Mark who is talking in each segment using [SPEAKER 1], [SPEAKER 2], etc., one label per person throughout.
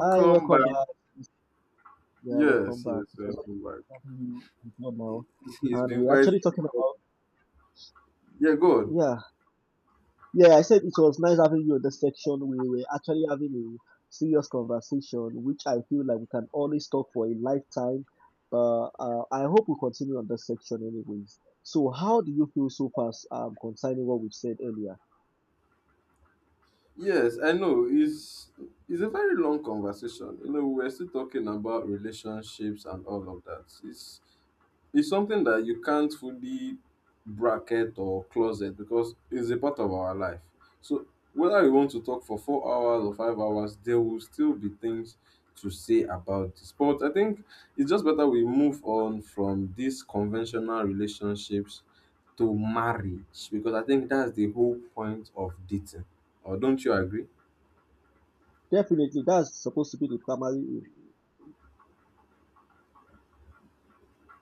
[SPEAKER 1] Hi, welcome
[SPEAKER 2] back.
[SPEAKER 1] back. Yeah, welcome
[SPEAKER 2] Yes,
[SPEAKER 1] back.
[SPEAKER 2] yes,
[SPEAKER 1] It was
[SPEAKER 2] welcome back.
[SPEAKER 1] nice having you as well
[SPEAKER 2] It-
[SPEAKER 1] now.
[SPEAKER 2] It's
[SPEAKER 1] And
[SPEAKER 2] been
[SPEAKER 1] we're
[SPEAKER 2] quite.
[SPEAKER 1] actually talking about.
[SPEAKER 2] Yeah, good.
[SPEAKER 1] Yeah, yeah, I said it was nice having you in this section. We were actually having a serious conversation, which I feel like we can always talk for a lifetime. I hope we continue on this section anyways. So how do you feel so far concerning what we've said earlier?
[SPEAKER 2] Yes, I know. It's a very long conversation. You know, we're still talking about relationships and all of that. It's something that you can't fully bracket or closet because it's a part of our life. So whether we want to talk for 4 hours or 5 hours, there will still be things to say about this. But I think it's just better we move on from these conventional relationships to marriage, because I think that's the whole point of dating. Or don't you agree?
[SPEAKER 1] Definitely, that's supposed to be the primary aim.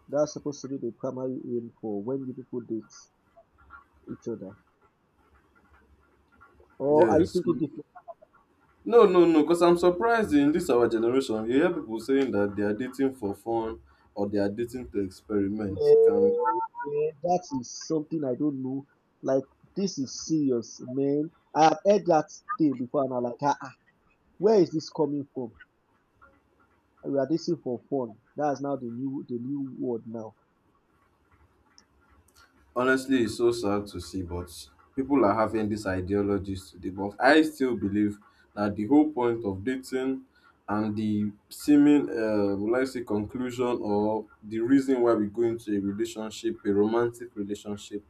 [SPEAKER 1] That's supposed to be the primary aim for when you people date each other. Or are you
[SPEAKER 2] Yes.
[SPEAKER 1] thinking differently?
[SPEAKER 2] No, no, no, because I'm surprised in this our generation, you hear people saying that they are dating for fun or they are dating to experiment. Can
[SPEAKER 1] Man, man, that is something I don't know. Like, this is serious, man. I have heard that thing before, and I'm like, ah, ah, where is this coming from? We are this thing for fun. That's now the new word now.
[SPEAKER 2] Honestly, it's so sad to see, but people are having these ideologies today. But I still believe that the whole point of dating and the seeming, will I say, conclusion, or the reason why we go into a relationship, a romantic relationship,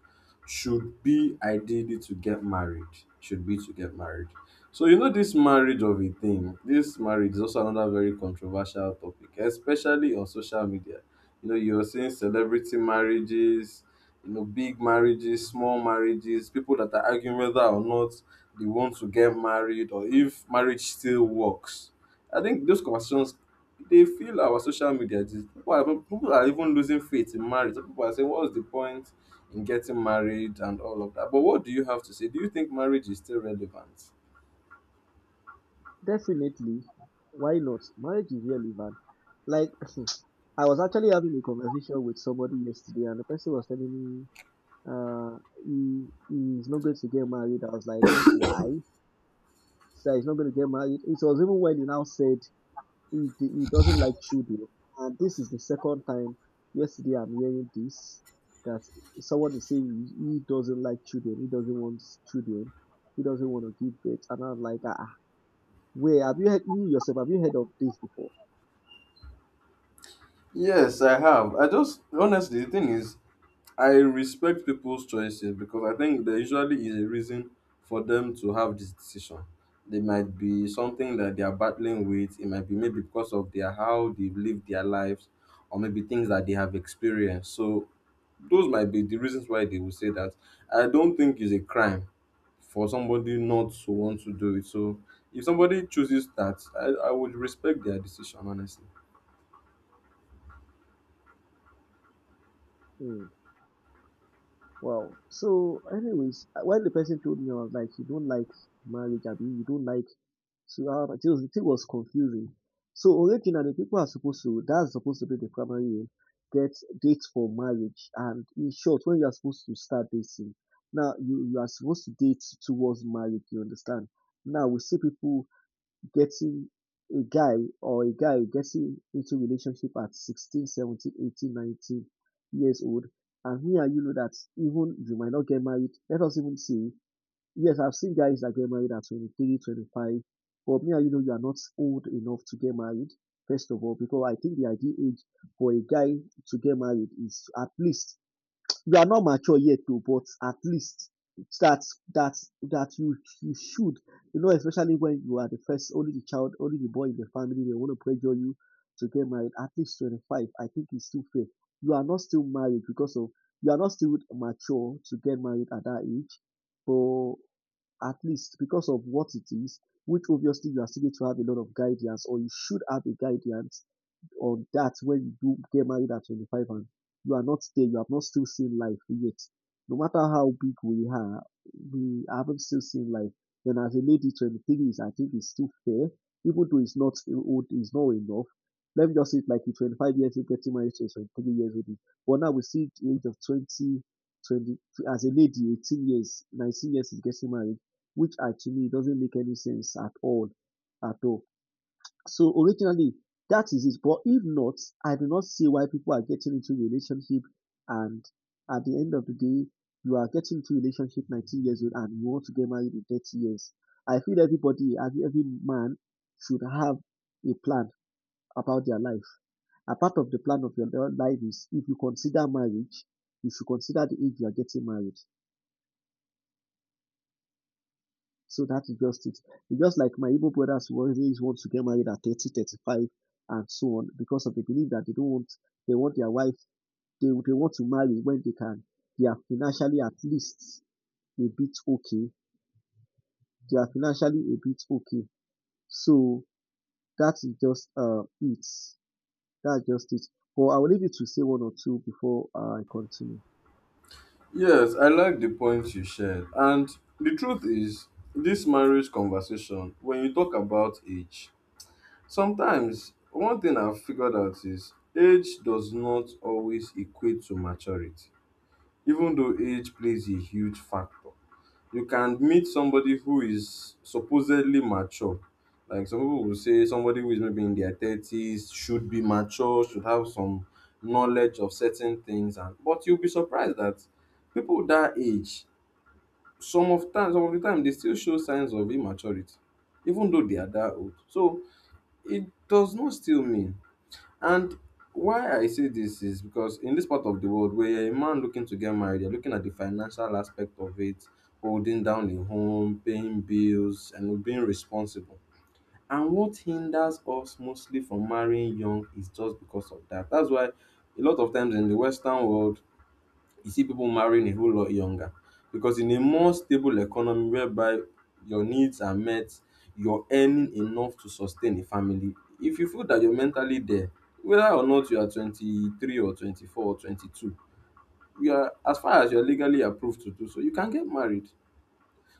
[SPEAKER 2] should be ideally to get married. Should be to get married. So, you know, this marriage of a thing, this marriage is also another very controversial topic, especially on social media. You know, you're seeing celebrity marriages, you know, big marriages, small marriages, people that are arguing whether or not they want to get married or if marriage still works. I think those conversations, they feel our social media. People are even losing faith in marriage. Some people are saying, "What's the point in getting married and all of that?" But what do you have to say? Do you think marriage is still relevant?
[SPEAKER 1] Definitely, why not? Marriage is relevant. Like, I was actually having a conversation with somebody yesterday, and the person was telling me, uh, he's not going to get married. I was like, why? So he's not going to get married. It was even when he now said he doesn't like children, and this is the second time yesterday I'm hearing this that someone is saying he doesn't like children, he doesn't want children, he doesn't want to give birth, and I'm like, ah, ah, where have you heard you yourself? Have you heard of this before?
[SPEAKER 2] Yes, I have. I just, honestly, the thing is, I respect people's choices because I think there usually is a reason for them to have this decision. They might be something that they are battling with. It might be maybe because of their how they've lived their lives, or maybe things that they have experienced. So those might be the reasons why they will say that. I don't think it's a crime for somebody not to want to do it. So if somebody chooses that, I would respect their decision, honestly.
[SPEAKER 1] Hmm. Wow. So, anyways, when the person told me, I was like, you don't like marriage, I mean, you don't like. So, it was, the thing was confusing. So, originally, people are supposed to, that's supposed to be the primary aim, get dates for marriage. And in short, when you are supposed to start dating, now you are supposed to date towards marriage, you understand? Now, we see people getting a guy or a guy getting into relationship at 16, 17, 18, 19 years old, and me and you know that even you might not get married. Let us even see. Yes, I've seen guys that get married at 23, 25. 25, but me and you know you are not old enough to get married, first of all, because I think the ideal age for a guy to get married is at least, you are not mature yet too, but at least that that that you should, you know, especially when you are the first, only the child, only the boy in the family, they want to pressure you to get married at least 25. I think it's too fair. You are not still married because of, you are not still mature to get married at that age. So at least because of what it is, which obviously you are still going to have a lot of guidance, or you should have a guidance on that. When you do get married at 25, and you are not there, you have not still seen life yet. No matter how big we are, we haven't still seen life. Then as a lady, 23 is, I think, is still fair, even though it's not old, it's not enough. Let me just say it like a 25 years old getting married to a 23 years old. But now we see the age of twenty as a lady, 18 years, 19 years is getting married, which actually doesn't make any sense at all, at all. So originally, that is it. But if not, I do not see why people are getting into relationship, and at the end of the day, you are getting into relationship 19 years old and you want to get married in 30 years. I feel everybody, every man should have a plan about their life. A part of the plan of your life is, if you consider marriage, you should consider the age you are getting married. So that is just it. It's just like my Igbo brothers who always want to get married at 30, 35, and so on, because of the belief that they don't want, they want their wife, they want to marry when they can. They are financially at least a bit okay. They are financially a bit okay. So that is just it. That's just it. But I will leave you to say one or two before I continue.
[SPEAKER 2] Yes, I like the points you shared. And the truth is, this marriage conversation, when you talk about age, sometimes one thing I've figured out is age does not always equate to maturity, even though age plays a huge factor. You can meet somebody who is supposedly mature. Like, some people will say somebody who is maybe in their 30s should be mature, should have some knowledge of certain things, and but you'll be surprised that people that age, some of the time they still show signs of immaturity, even though they are that old. So it does not still mean. And why I say this is because in this part of the world, where you're a man looking to get married, you're looking at the financial aspect of it, holding down a home, paying bills, and being responsible. And what hinders us mostly from marrying young is just because of that. That's why a lot of times in the western world, you see people marrying a whole lot younger. Because in a more stable economy, whereby your needs are met, you're earning enough to sustain a family, if you feel that you're mentally there, whether or not you are 23 or 24 or 22, you are, as far as you're legally approved to do so, you can get married.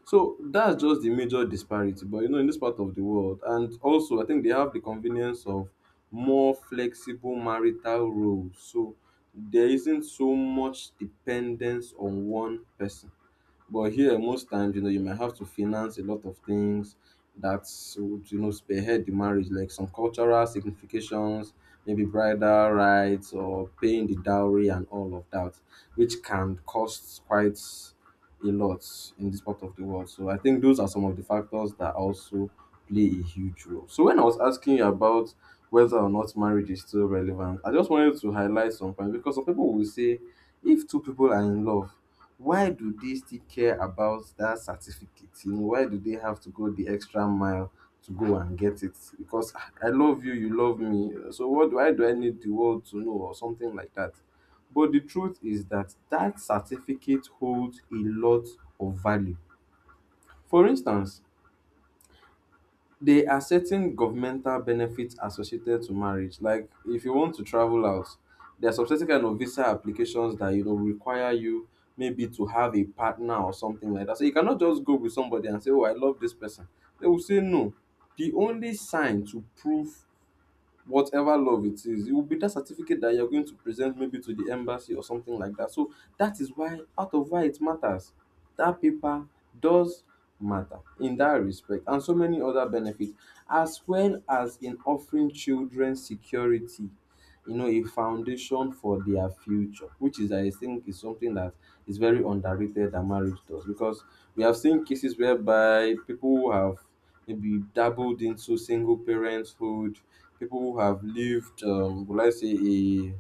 [SPEAKER 2] So that's just the major disparity. But you know, in this part of the world, and also I think they have the convenience of more flexible marital roles. So there isn't so much dependence on one person. But here, most times, you know, you might have to finance a lot of things that would, you know, spearhead the marriage, like some cultural significations, maybe bridal rights or paying the dowry and all of that, which can cost quite a lot in this part of the world. So I think those are some of the factors that also play a huge role. So when I was asking you about whether or not marriage is still relevant, I just wanted to highlight some points, because some people will say, if two people are in love, why do they still care about that certificate? You know, why do they have to go the extra mile to go and get it? Because, "Ah, I love you, you love me. So what do I do? I need the world to know," or something like that? But the truth is that that certificate holds a lot of value. For instance, there are certain governmental benefits associated to marriage. Like if you want to travel out, there are some certain kind of visa applications that, you know, require you maybe to have a partner or something like that. So you cannot just go with somebody and say, "Oh, I love this person." They will say no. The only sign to prove whatever love it is, it will be that certificate that you're going to present maybe to the embassy or something like that. So that is why, out of why it matters. That paper does matter in that respect, and so many other benefits, as well as in offering children security. You know, a foundation for their future, which is, I think, is something that is very underrated that marriage does, because we have seen cases whereby people who have maybe dabbled into single parenthood, people who have lived, will I say, a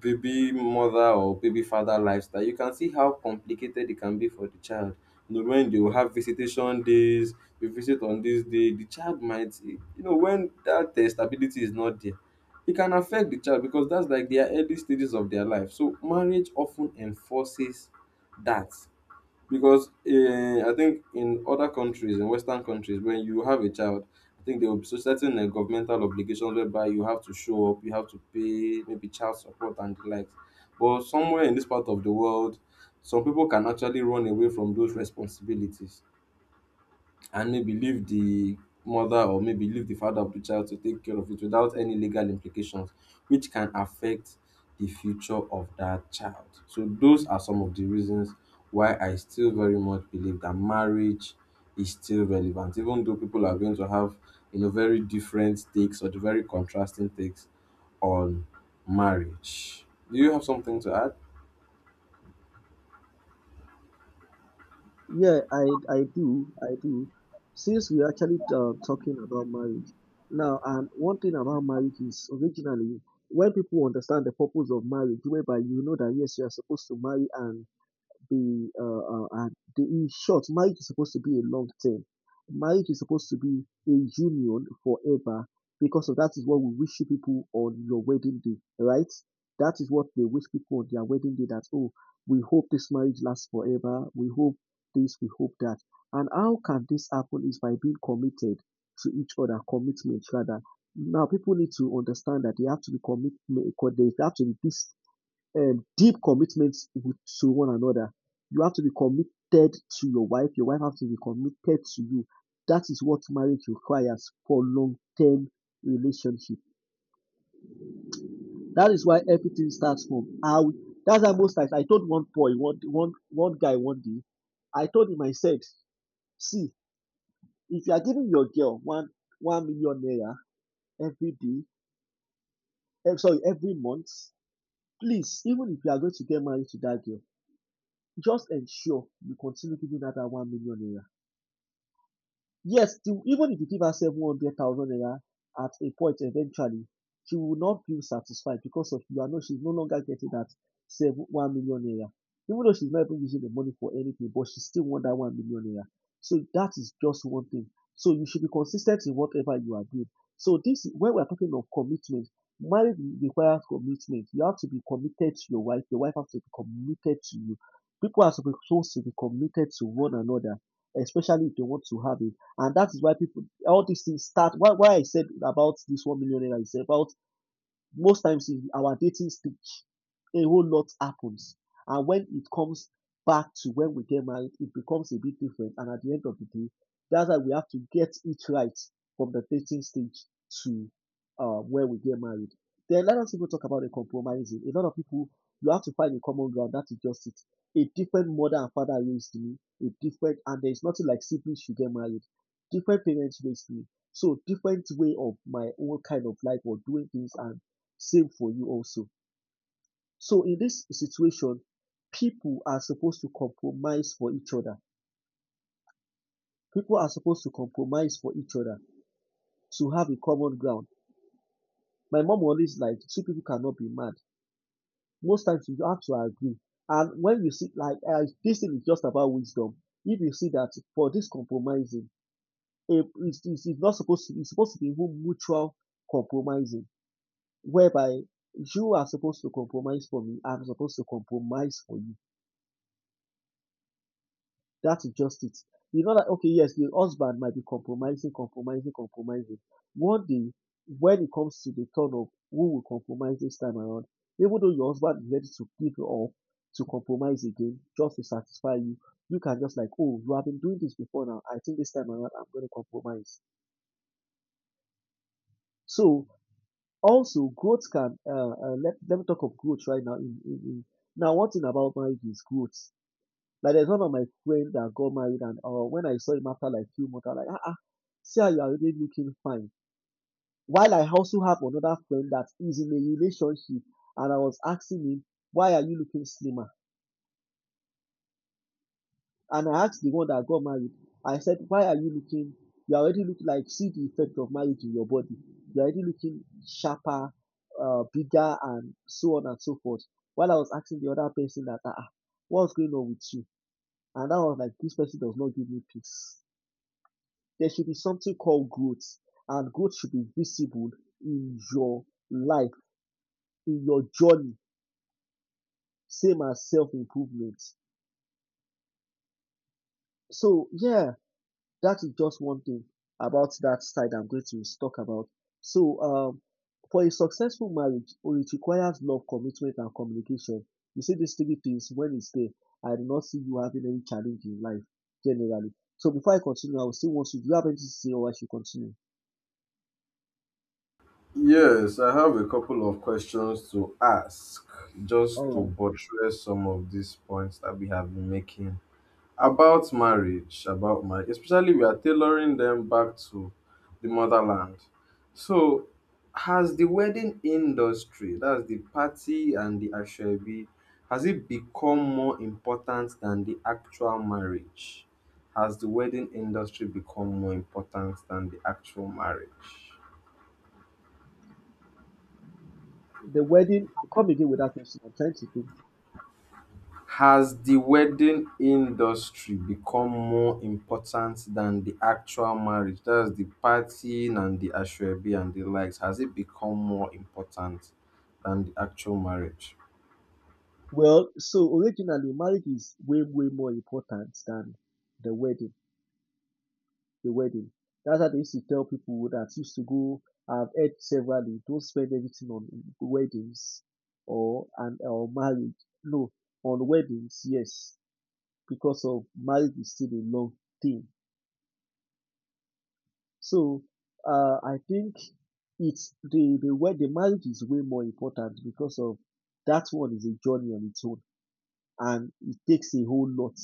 [SPEAKER 2] baby mother or baby father lifestyle, you can see how complicated it can be for the child. You know, when they will have visitation days, we visit on this day, the child might, you know, when that stability is not there, it can affect the child, because that's like their early stages of their life. So marriage often enforces that, because I think in other countries, in Western countries, when you have a child, I think there will be so certain governmental obligations whereby you have to show up, you have to pay maybe child support and the likes. But somewhere in this part of the world, some people can actually run away from those responsibilities and maybe leave the mother or maybe leave the father of the child to take care of it, without any legal implications, which can affect the future of that child. So those are some of the reasons why I still very much believe that marriage is still relevant, even though people are going to have, you know, very different takes, or the very contrasting takes on marriage. Do you have something to add?
[SPEAKER 1] Yeah, I do, I do. Since we're actually talking about marriage now, and one thing about marriage is originally when people understand the purpose of marriage, whereby you know that yes, you are supposed to marry and be the, in short, marriage is supposed to be a long term. Marriage is supposed to be a union forever, because of that is what we wish you people on your wedding day, right? That is what they wish people on their wedding day, that, oh, we hope this marriage lasts forever. We hope this, we hope that. And how can this happen is by being committed to each other, commitment rather. Now, people need to understand that they have to be commit, they have to be this deep commitment with to one another. You have to be committed to your wife. Your wife has to be committed to you. That is what marriage requires for long-term relationship. That is why everything starts from how. That's how most times I told one boy, one guy one day, I told him I said, see, if you are giving your girl one million naira every day, sorry, every month, please, even if you are going to get married to that girl, just ensure you continue giving that 1 million naira. Yes, even if you give her 700,000 naira at a point eventually, she will not feel satisfied because of you. I know she's no longer getting that 1 million naira. Even though she's not even using the money for anything, but she still want that 1 million naira. So that is just one thing. So you should be consistent in whatever you are doing. So this, when we're talking of commitment, marriage requires commitment. You have to be committed to your wife. Your wife has to be committed to you. People are supposed to be committed to one another, especially if they want to have a, and that is why people, all these things start. Why I said about this 1 million naira is about most times in our dating stage a whole lot happens, and when it comes back to when we get married, it becomes a bit different, and at the end of the day, that's why we have to get it right from the dating stage to, when we get married. Then let us even talk about the compromising. A lot of people, you have to find a common ground. That is just it. A different mother and father raised me. A different, and there is nothing like siblings should get married. Different parents raised me. So different way of my own kind of life or doing things, and same for you also. So in this situation, people are supposed to compromise for each other. People are supposed to compromise for each other to have a common ground. My mom always like two people cannot be mad. Most times you have to agree. And when you see like, this thing is just about wisdom. If you see that for this compromising, it's not supposed to. It's supposed to be even mutual compromising, whereby you are supposed to compromise for me. I'm supposed to compromise for you. That is just it. You know that, okay, yes, the husband might be compromising, compromising, compromising. One day, when it comes to the turn of who will compromise this time around, even though your husband is ready to give you up to compromise again just to satisfy you, you can just like, oh, you have been doing this before. Now I think this time around I'm going to compromise. So also growth can, let me talk of growth right now. In now, one thing about marriage is growth. Like there's one of my friend that got married, and when I saw him after like few months, I was like, ah, ah, see how you are already looking fine. While I also have another friend that is in a relationship, and I was asking him, why are you looking slimmer? And I asked the one that got married, I said, why are you looking, you are already looking like, see the effect of marriage in your body. You are already looking sharper, bigger, and so on and so forth. While I was asking the other person that, ah, ah, what's going on with you? And that was like, this person does not give me peace. There should be something called growth, and growth should be visible in your life, in your journey, same as self improvement. So, yeah, that is just one thing about that side I'm going to talk about. So, for a successful marriage, oh, it requires love, commitment, and communication. You see, these three things, when it's there, I do not see you having any challenge in life generally. So, before I continue, I will still want you. Do you have anything to say, or I should continue?
[SPEAKER 2] Yes, I have a couple of questions to ask, just to
[SPEAKER 1] All right.
[SPEAKER 2] buttress some of these points that we have been making about marriage, especially we are tailoring them back to the motherland. So, has the wedding industry, that's the party and the ashwabi, has it become more important than the actual marriage? Has the wedding industry become more important than the actual marriage?
[SPEAKER 1] The wedding, come again with that question. I'm trying to think.
[SPEAKER 2] Has the wedding industry become more important than the actual marriage? That's the partying and the ashwabi and the likes. Has it become more important than the actual marriage?
[SPEAKER 1] Well, so originally marriage is way way more important than the wedding. the wedding that's how they used to tell people that used to go. I've heard severally, don't spend everything on weddings or and or marriage. No, on weddings, yes, because of marriage is still a long thing. So, I think it's the marriage is way more important because of that one is a journey on its own and it takes a whole lot.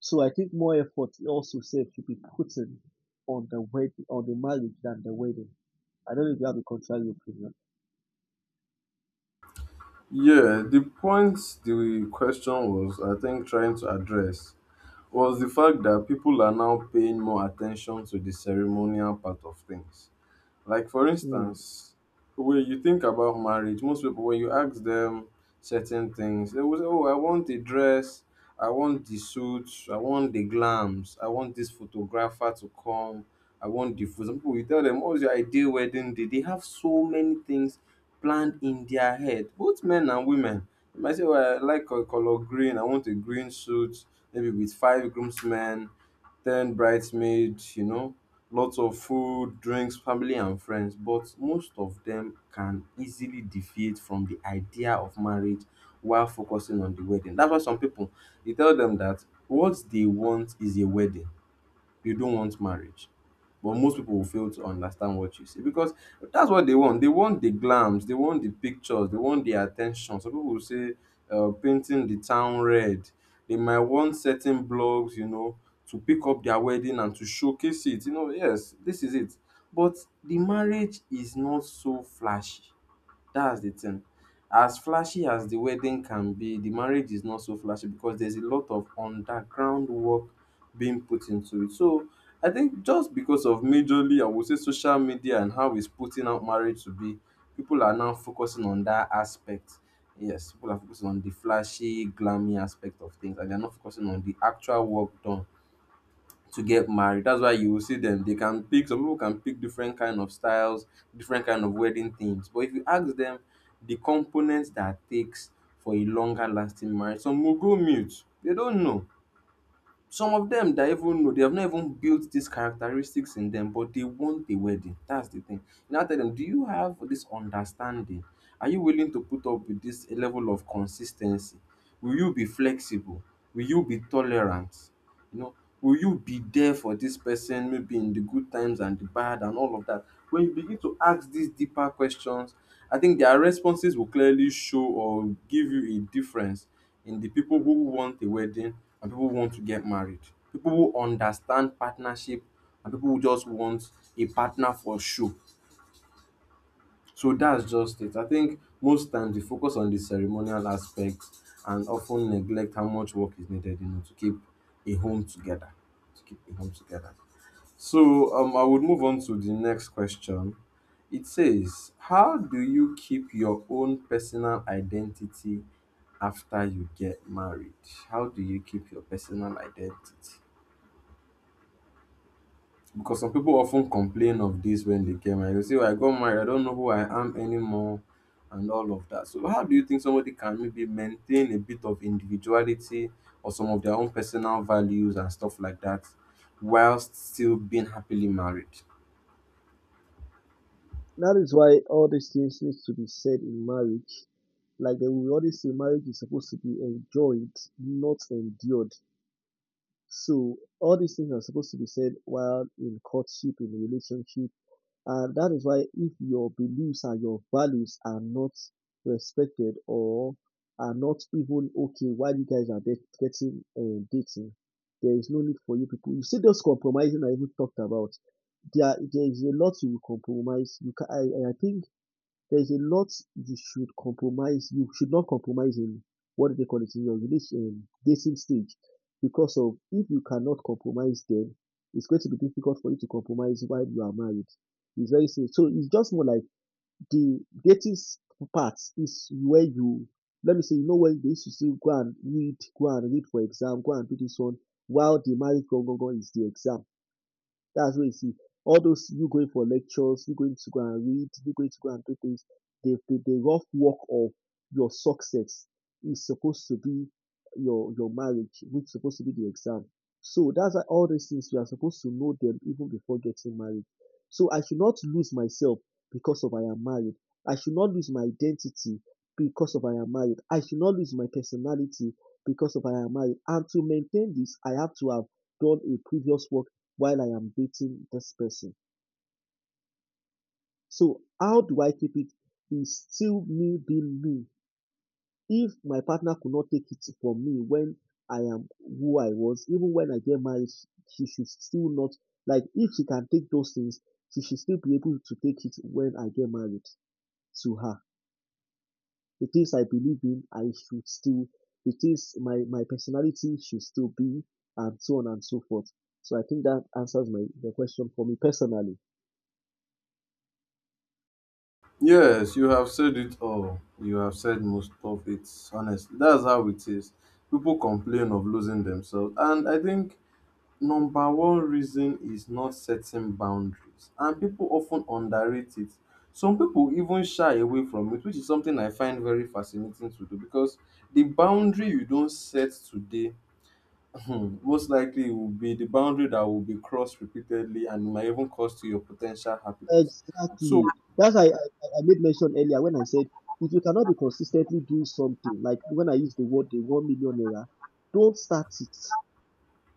[SPEAKER 1] So I think more effort also said should be put in on the wedding, on the marriage than the wedding. I don't know if you have a contrary opinion.
[SPEAKER 2] Yeah, the point the question was, I think, trying to address was the fact that people are now paying more attention to the ceremonial part of things. Like, for
[SPEAKER 1] Hmm.
[SPEAKER 2] instance, when you think about marriage, most people when you ask them certain things, they will say, "Oh, I want the dress, I want the suit, I want the glams, I want this photographer to come, I want the food." Some people you tell them, "What's your ideal wedding day?" They have so many things planned in their head, both men and women. They might say, "Oh, I like a color green. I want a green suit, maybe with five groomsmen, 10 bridesmaids," you know, lots of food, drinks, family, and friends. But most of them can easily deviate from the idea of marriage while focusing on the wedding. That's why some people, you tell them that what they want is a wedding, you don't want marriage. But most pipu will fail to understand what you say, because that's what they want. They want the glams, they want the pictures, they want the at ten tion. Some pipu will say, painting the town red. They might want certain blogs, you know, to pick up their wedding and to showcase it. You know, yes, this is it. But the marriage is not so flashy. That's the thing. As flashy as the wedding can be, the marriage is not so flashy, because there's a lot of underground work being put into it. So I think just because of majorly, I would say, social media and how it's putting out marriage to be, people are now focusing on that aspect. Yes, people are focusing on the flashy, glammy aspect of things, and they're not focusing on the actual work done to get married. That's why you will see them. They can pick. Some people can pick different kind of styles, different kind of wedding themes. But if you ask them, the components that takes for a longer lasting marriage, some will go mute. They don't know. Some of them that even know they have not even built these characteristics in them, but they want a wedding. That's the thing. Now tell them, do you have this understanding? Are you willing to put up with this level of consistency? Will you be flexible? Will you be tolerant? You know, will you be there for this person maybe in the good times and the bad and all of that? When you begin to ask these deeper questions, I think their responses will clearly show or give you a difference in the people who want a wedding and people who want to get married. People who understand partnership and people who just want a partner for show. So that's just it. I think most times we focus on the ceremonial aspect and often neglect how much work is needed, to keep a home together. To keep a home together. So I would move on to the next question. It says, "How do you keep your own personal identity after you get married? How do you keep your personal identity?" Because some people often complain of this when they get married. They say, "Oh, I got married, I don't know who I am anymore, and all of that. So, how do you think somebody can maybe maintain a bit of individuality or some of their own personal values and stuff like that whilst still being happily married?"
[SPEAKER 1] That is why all these things need to be said in marriage. Like, they we always say, marriage is supposed to be enjoyed, not endured. So all these things are supposed to be said while in courtship, in relationship. And that is why if your beliefs and your values are not respected or are not even okay while you guys are getting dating, there is no need for you people. You see those compromising I even talked about. There is a lot you will compromise. You can, I think there's a lot you should compromise. You should not compromise in what do they call it in your relation dating stage, because of if you cannot compromise, then it's going to be difficult for you to compromise while you are married. It's very safe. So it's just more like the dating part is where you, let me say, you know when they used to say go and read for exam, go and do this one, while the marriage go go go is the exam. That's what you see. All those you going for lectures, you going to go and read, you going to go and do things. The rough work of your success is supposed to be your marriage, which is supposed to be the exam. So that's why all these things you are supposed to know them even before getting married. So I should not lose myself because of I am married. I should not lose my identity because of I am married. I should not lose my personality because of I am married. And to maintain this, I have to have done a previous work while I am dating this person. So how do I keep it? Is still me being me. If my partner could not take it from me when I am who I was, even when I get married, she should still not, like, if she can take those things, she should still be able to take it when I get married to her. The things I believe in, I should still, the things my personality should still be, and so on and so forth. So I think that answers my the question for me personally.
[SPEAKER 2] Yes, you have said it all. You have said most of it. Honestly, that's how it is. People complain of losing themselves, and I think number one reason is not setting boundaries, and people often underrate it. Some people even shy away from it, which is something I find very fascinating to do because the boundary you don't set today, most likely will be the boundary that will be crossed repeatedly and might even cost you your potential happiness. So,
[SPEAKER 1] Exactly. That's, I made mention earlier when I said, if you cannot be consistently doing something, like when I use the word the 1 million naira, don't start it.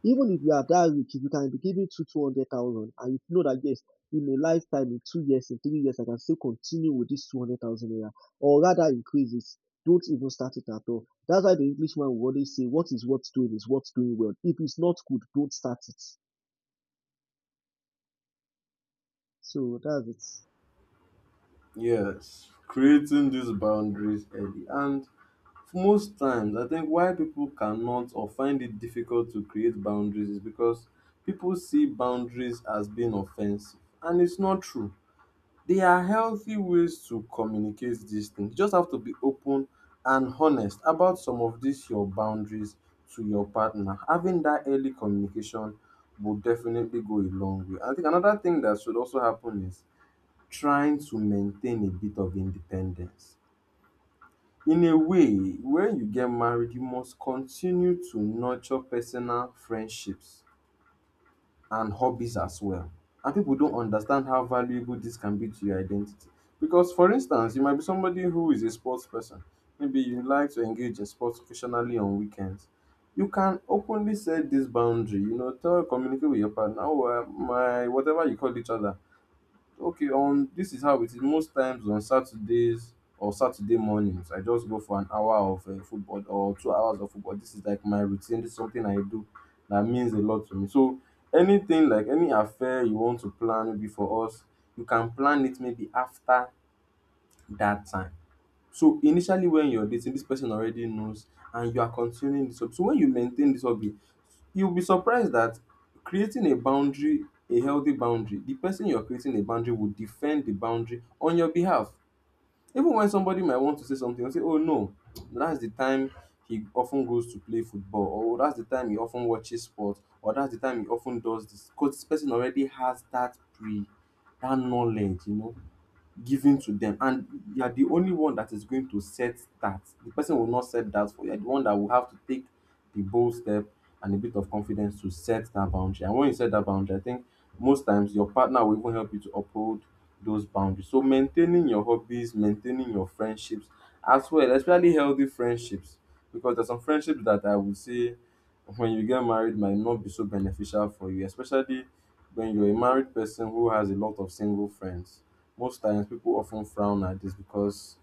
[SPEAKER 1] Even if you are that rich, if you can be giving two two hundred thousand and you know that yes, in a lifetime, in 2 years, in 3 years, I can still continue with this 200,000 naira or rather increases. Don't even start it at all. That's why the Englishman will always say, what is worth doing well. If it's not good, don't start it. So that's it.
[SPEAKER 2] yes, creating these boundaries early, and most times I think why people cannot or find it difficult to create boundaries is because people see boundaries as being offensive, and it's not true. They are healthy ways to communicate these things. You just have to be open and honest about some of these your boundaries to your partner. Having that early communication will definitely go a long way. I think another thing that should also happen is trying to maintain a bit of independence in a way. When you get married, you must continue to nurture personal friendships and hobbies as well. And people don't understand how valuable this can be to your identity. Because, for instance, you might be somebody who is a sports person. Maybe you like to engage in sports occasionally on weekends. You can openly set this boundary, tell, communicate with your partner, oh, my, whatever you call each other. Okay, this is how it is. Most times on Saturdays or Saturday mornings, I just go for an hour of football or 2 hours of football. This is like my routine. This is something I do that means a lot to me. So anything like any affair you want to plan maybe for us, you can plan it maybe after that time. So initially when you're dating, this person already knows and you are continuing this hobby. So when you maintain this hobby, you'll be surprised that creating a boundary, a healthy boundary, the person you're creating a boundary will defend the boundary on your behalf. Even when somebody might want to say something and say, "Oh no, that's the time he often goes to play football," or "Oh, that's the time he often watches sports, or that's the time he often does this." Because this person already has that pre, that knowledge, given to them. And you are the only one that is going to set that. The person will not set that for you. You are the one that will have to take the bold step and a bit of confidence to set that boundary, and when you set that boundary, I think most times your partner will even help you to uphold those boundaries. So maintaining your hobbies, maintaining your friendships as well, especially healthy friendships, because there's some friendships that I would say when you get married might not be so beneficial for you, especially when you're a married person who has a lot of single friends. Most times people often frown at this because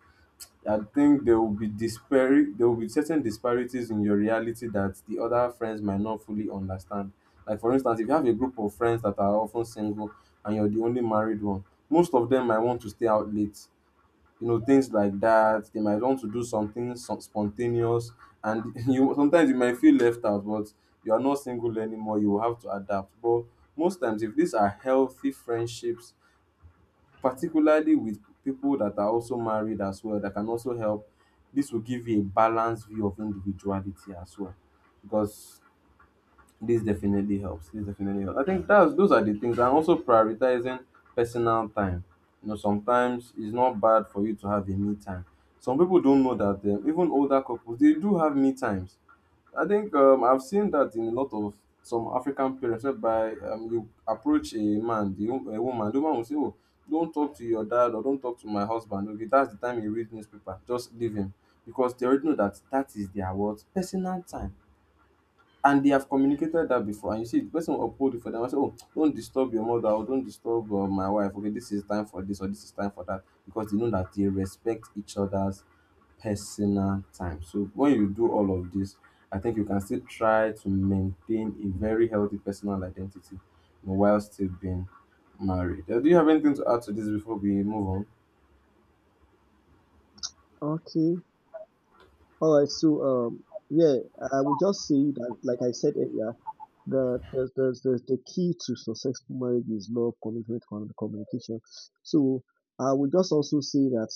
[SPEAKER 2] I think there will be there will be certain disparities in your reality that the other friends might not fully understand. Like for instance, if you have a group of friends that are often single and you're the only married one, most of them might want to stay out late. You know, things like that. They might want to do something some spontaneous and you sometimes you might feel left out, but you are not single anymore, you will have to adapt. But most times if these are healthy friendships, particularly with people that are also married as well, that can also help. This will give you a balanced view of individuality as well, because this definitely helps. This definitely helps. I think that's those are the things, and also prioritizing personal time. You know, sometimes it's not bad for you to have a me time. Some people don't know that, even older couples, they do have me times. I think I've seen that in a lot of some African parents whereby you approach a man, the, a woman, the woman will say, "Oh, don't talk to your dad," or "Don't talk to my husband. Okay, that's the time you read newspaper, just leave him." Because they already know that that is their what? Personal time. And they have communicated that before, and you see the person will uphold it for them and say, "Oh, don't disturb your mother," or "Don't disturb my wife. Okay, this is time for this or this is time for that," because they know that they respect each other's personal time. So when you do all of this, I think you can still try to maintain a very healthy personal identity, you know, while still being married. Do you have anything to add to this before we move on?
[SPEAKER 1] Okay. All right, so, yeah, I would just say that, like I said earlier, the key to successful marriage is love, commitment, and communication. So I would just also say that,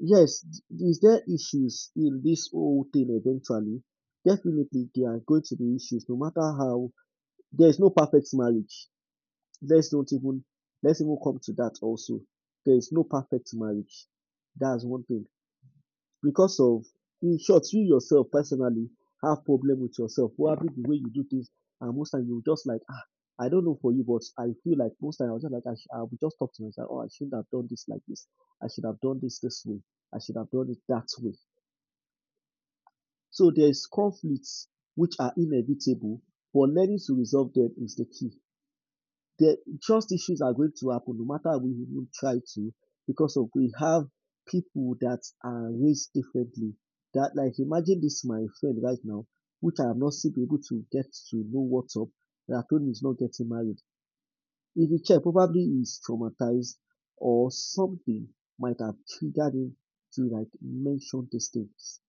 [SPEAKER 1] yes, is there issues in this whole thing eventually? Definitely, there are going to be issues, no matter how. There is no perfect marriage. Let's not even, let's even come to that also. There is no perfect marriage. That's one thing because of in short you yourself personally have problem with yourself probably the way you do things. And most time you just like, I don't know for you, but I feel like most time I was just like, I would just talk to myself, oh, I shouldn't have done this like this. I should have done this this way. I should have done it that way. So there is conflicts which are inevitable, but learning to resolve them is the key. The trust issues are going to happen no matter how we even try to, because of we have people that are raised differently. That, like, imagine this my friend right now, which I have not still been able to get to know what's up, that I told him he's not getting married. If you check, probably he's traumatized or something might have triggered him to, like, mention these things.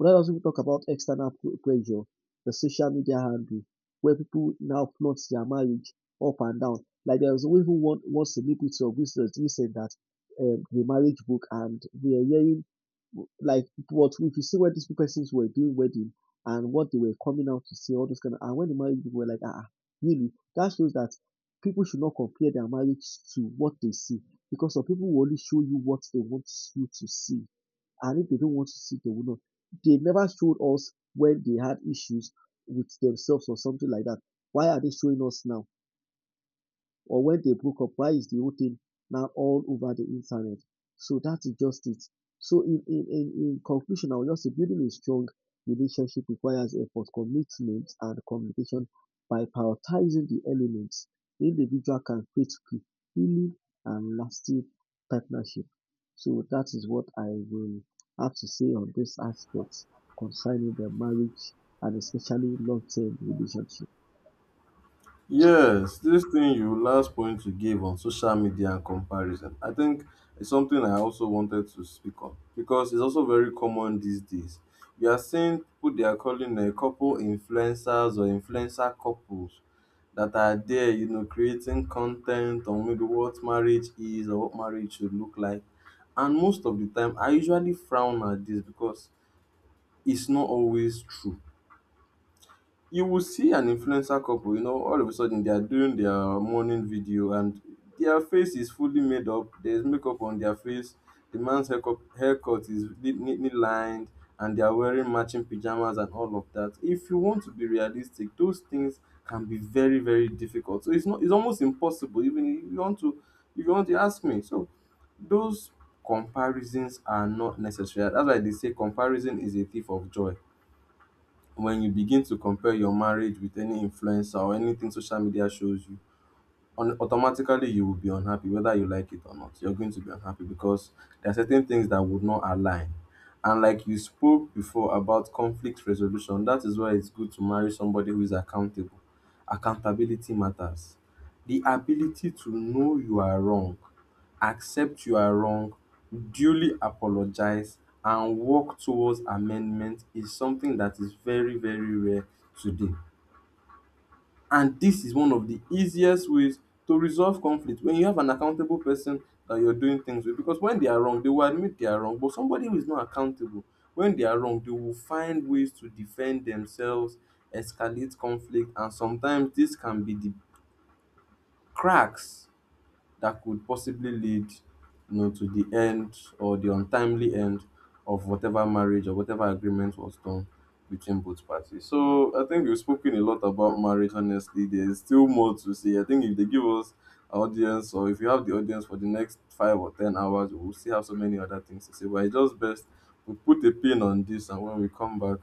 [SPEAKER 1] But let us even talk about external pressure, the social media handle, where people now plot their marriage up and down. Like there was even one celebrity of business recent that, the marriage book, and we are hearing, like, what, if you see what these persons were doing wedding and what they were coming out to say, all those kind of, and when the marriage people were like, really, that shows that people should not compare their marriage to what they see, because some people will only show you what they want you to see, and if they don't want to seek, they will not. They never showed us when they had issues with themselves or something like that. Why are they showing us now? Or when they broke up, why is the whole thing now all over the internet? So that is just it. So, in conclusion, I will just say building a strong relationship requires effort, commitment, and communication. By prioritizing the elements, the individual can create fulfilling and lasting partnership. So that is what I will have to say on this aspect concerning the marriage and especially long-term relationship.
[SPEAKER 2] Yes, this thing you last point you gave on social media and comparison, I think it's something I also wanted to speak on because it's also very common these days. We are seeing people, they are calling a couple influencers or influencer couples that are there, you know, creating content on maybe what marriage is or what marriage should look like. And most of the time, I usually frown at this because it's not always true. You will see an influencer couple, you know, all of a sudden they are doing their morning video, and their face is fully made up. There's makeup on their face. The man's haircut, haircut is neatly lined, and they are wearing matching pajamas and all of that. If you want to be realistic, those things can be very, very difficult. So it's not, it's almost impossible, even if you want to, if you want to ask me. So those comparisons are not necessary. That's why they say comparison is a thief of joy. When you begin to compare your marriage with any influencer or anything social media shows you on, automatically you will be unhappy. Whether you like it or not, you're going to be unhappy, because there are certain things that would not align. And like you spoke before about conflict resolution, that is why it's good to marry somebody who is accountable. Accountability matters. The ability to know you are wrong, accept you are wrong, duly apologize, and work towards amendment is something that is very, very rare today, and this is one of the easiest ways to resolve conflict, when you have an accountable person that you're doing things with. Because when they are wrong, they will admit they are wrong. But somebody who is not accountable, when they are wrong, they will find ways to defend themselves, escalate conflict, and sometimes this can be the cracks that could possibly lead, you know, to the end or the untimely end of whatever marriage or whatever agreement was done between both parties. So I think we've spoken a lot about marriage. Honestly, there's still more to say. I think if they give us our audience, or if you have the audience for the next 5 or 10 hours, we'll still have so many other things to say. But it's just best we put a pin on this, and when we come back,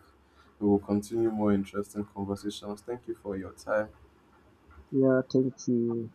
[SPEAKER 2] we will continue more interesting conversations. Thank you for your time.
[SPEAKER 1] Yeah, thank you.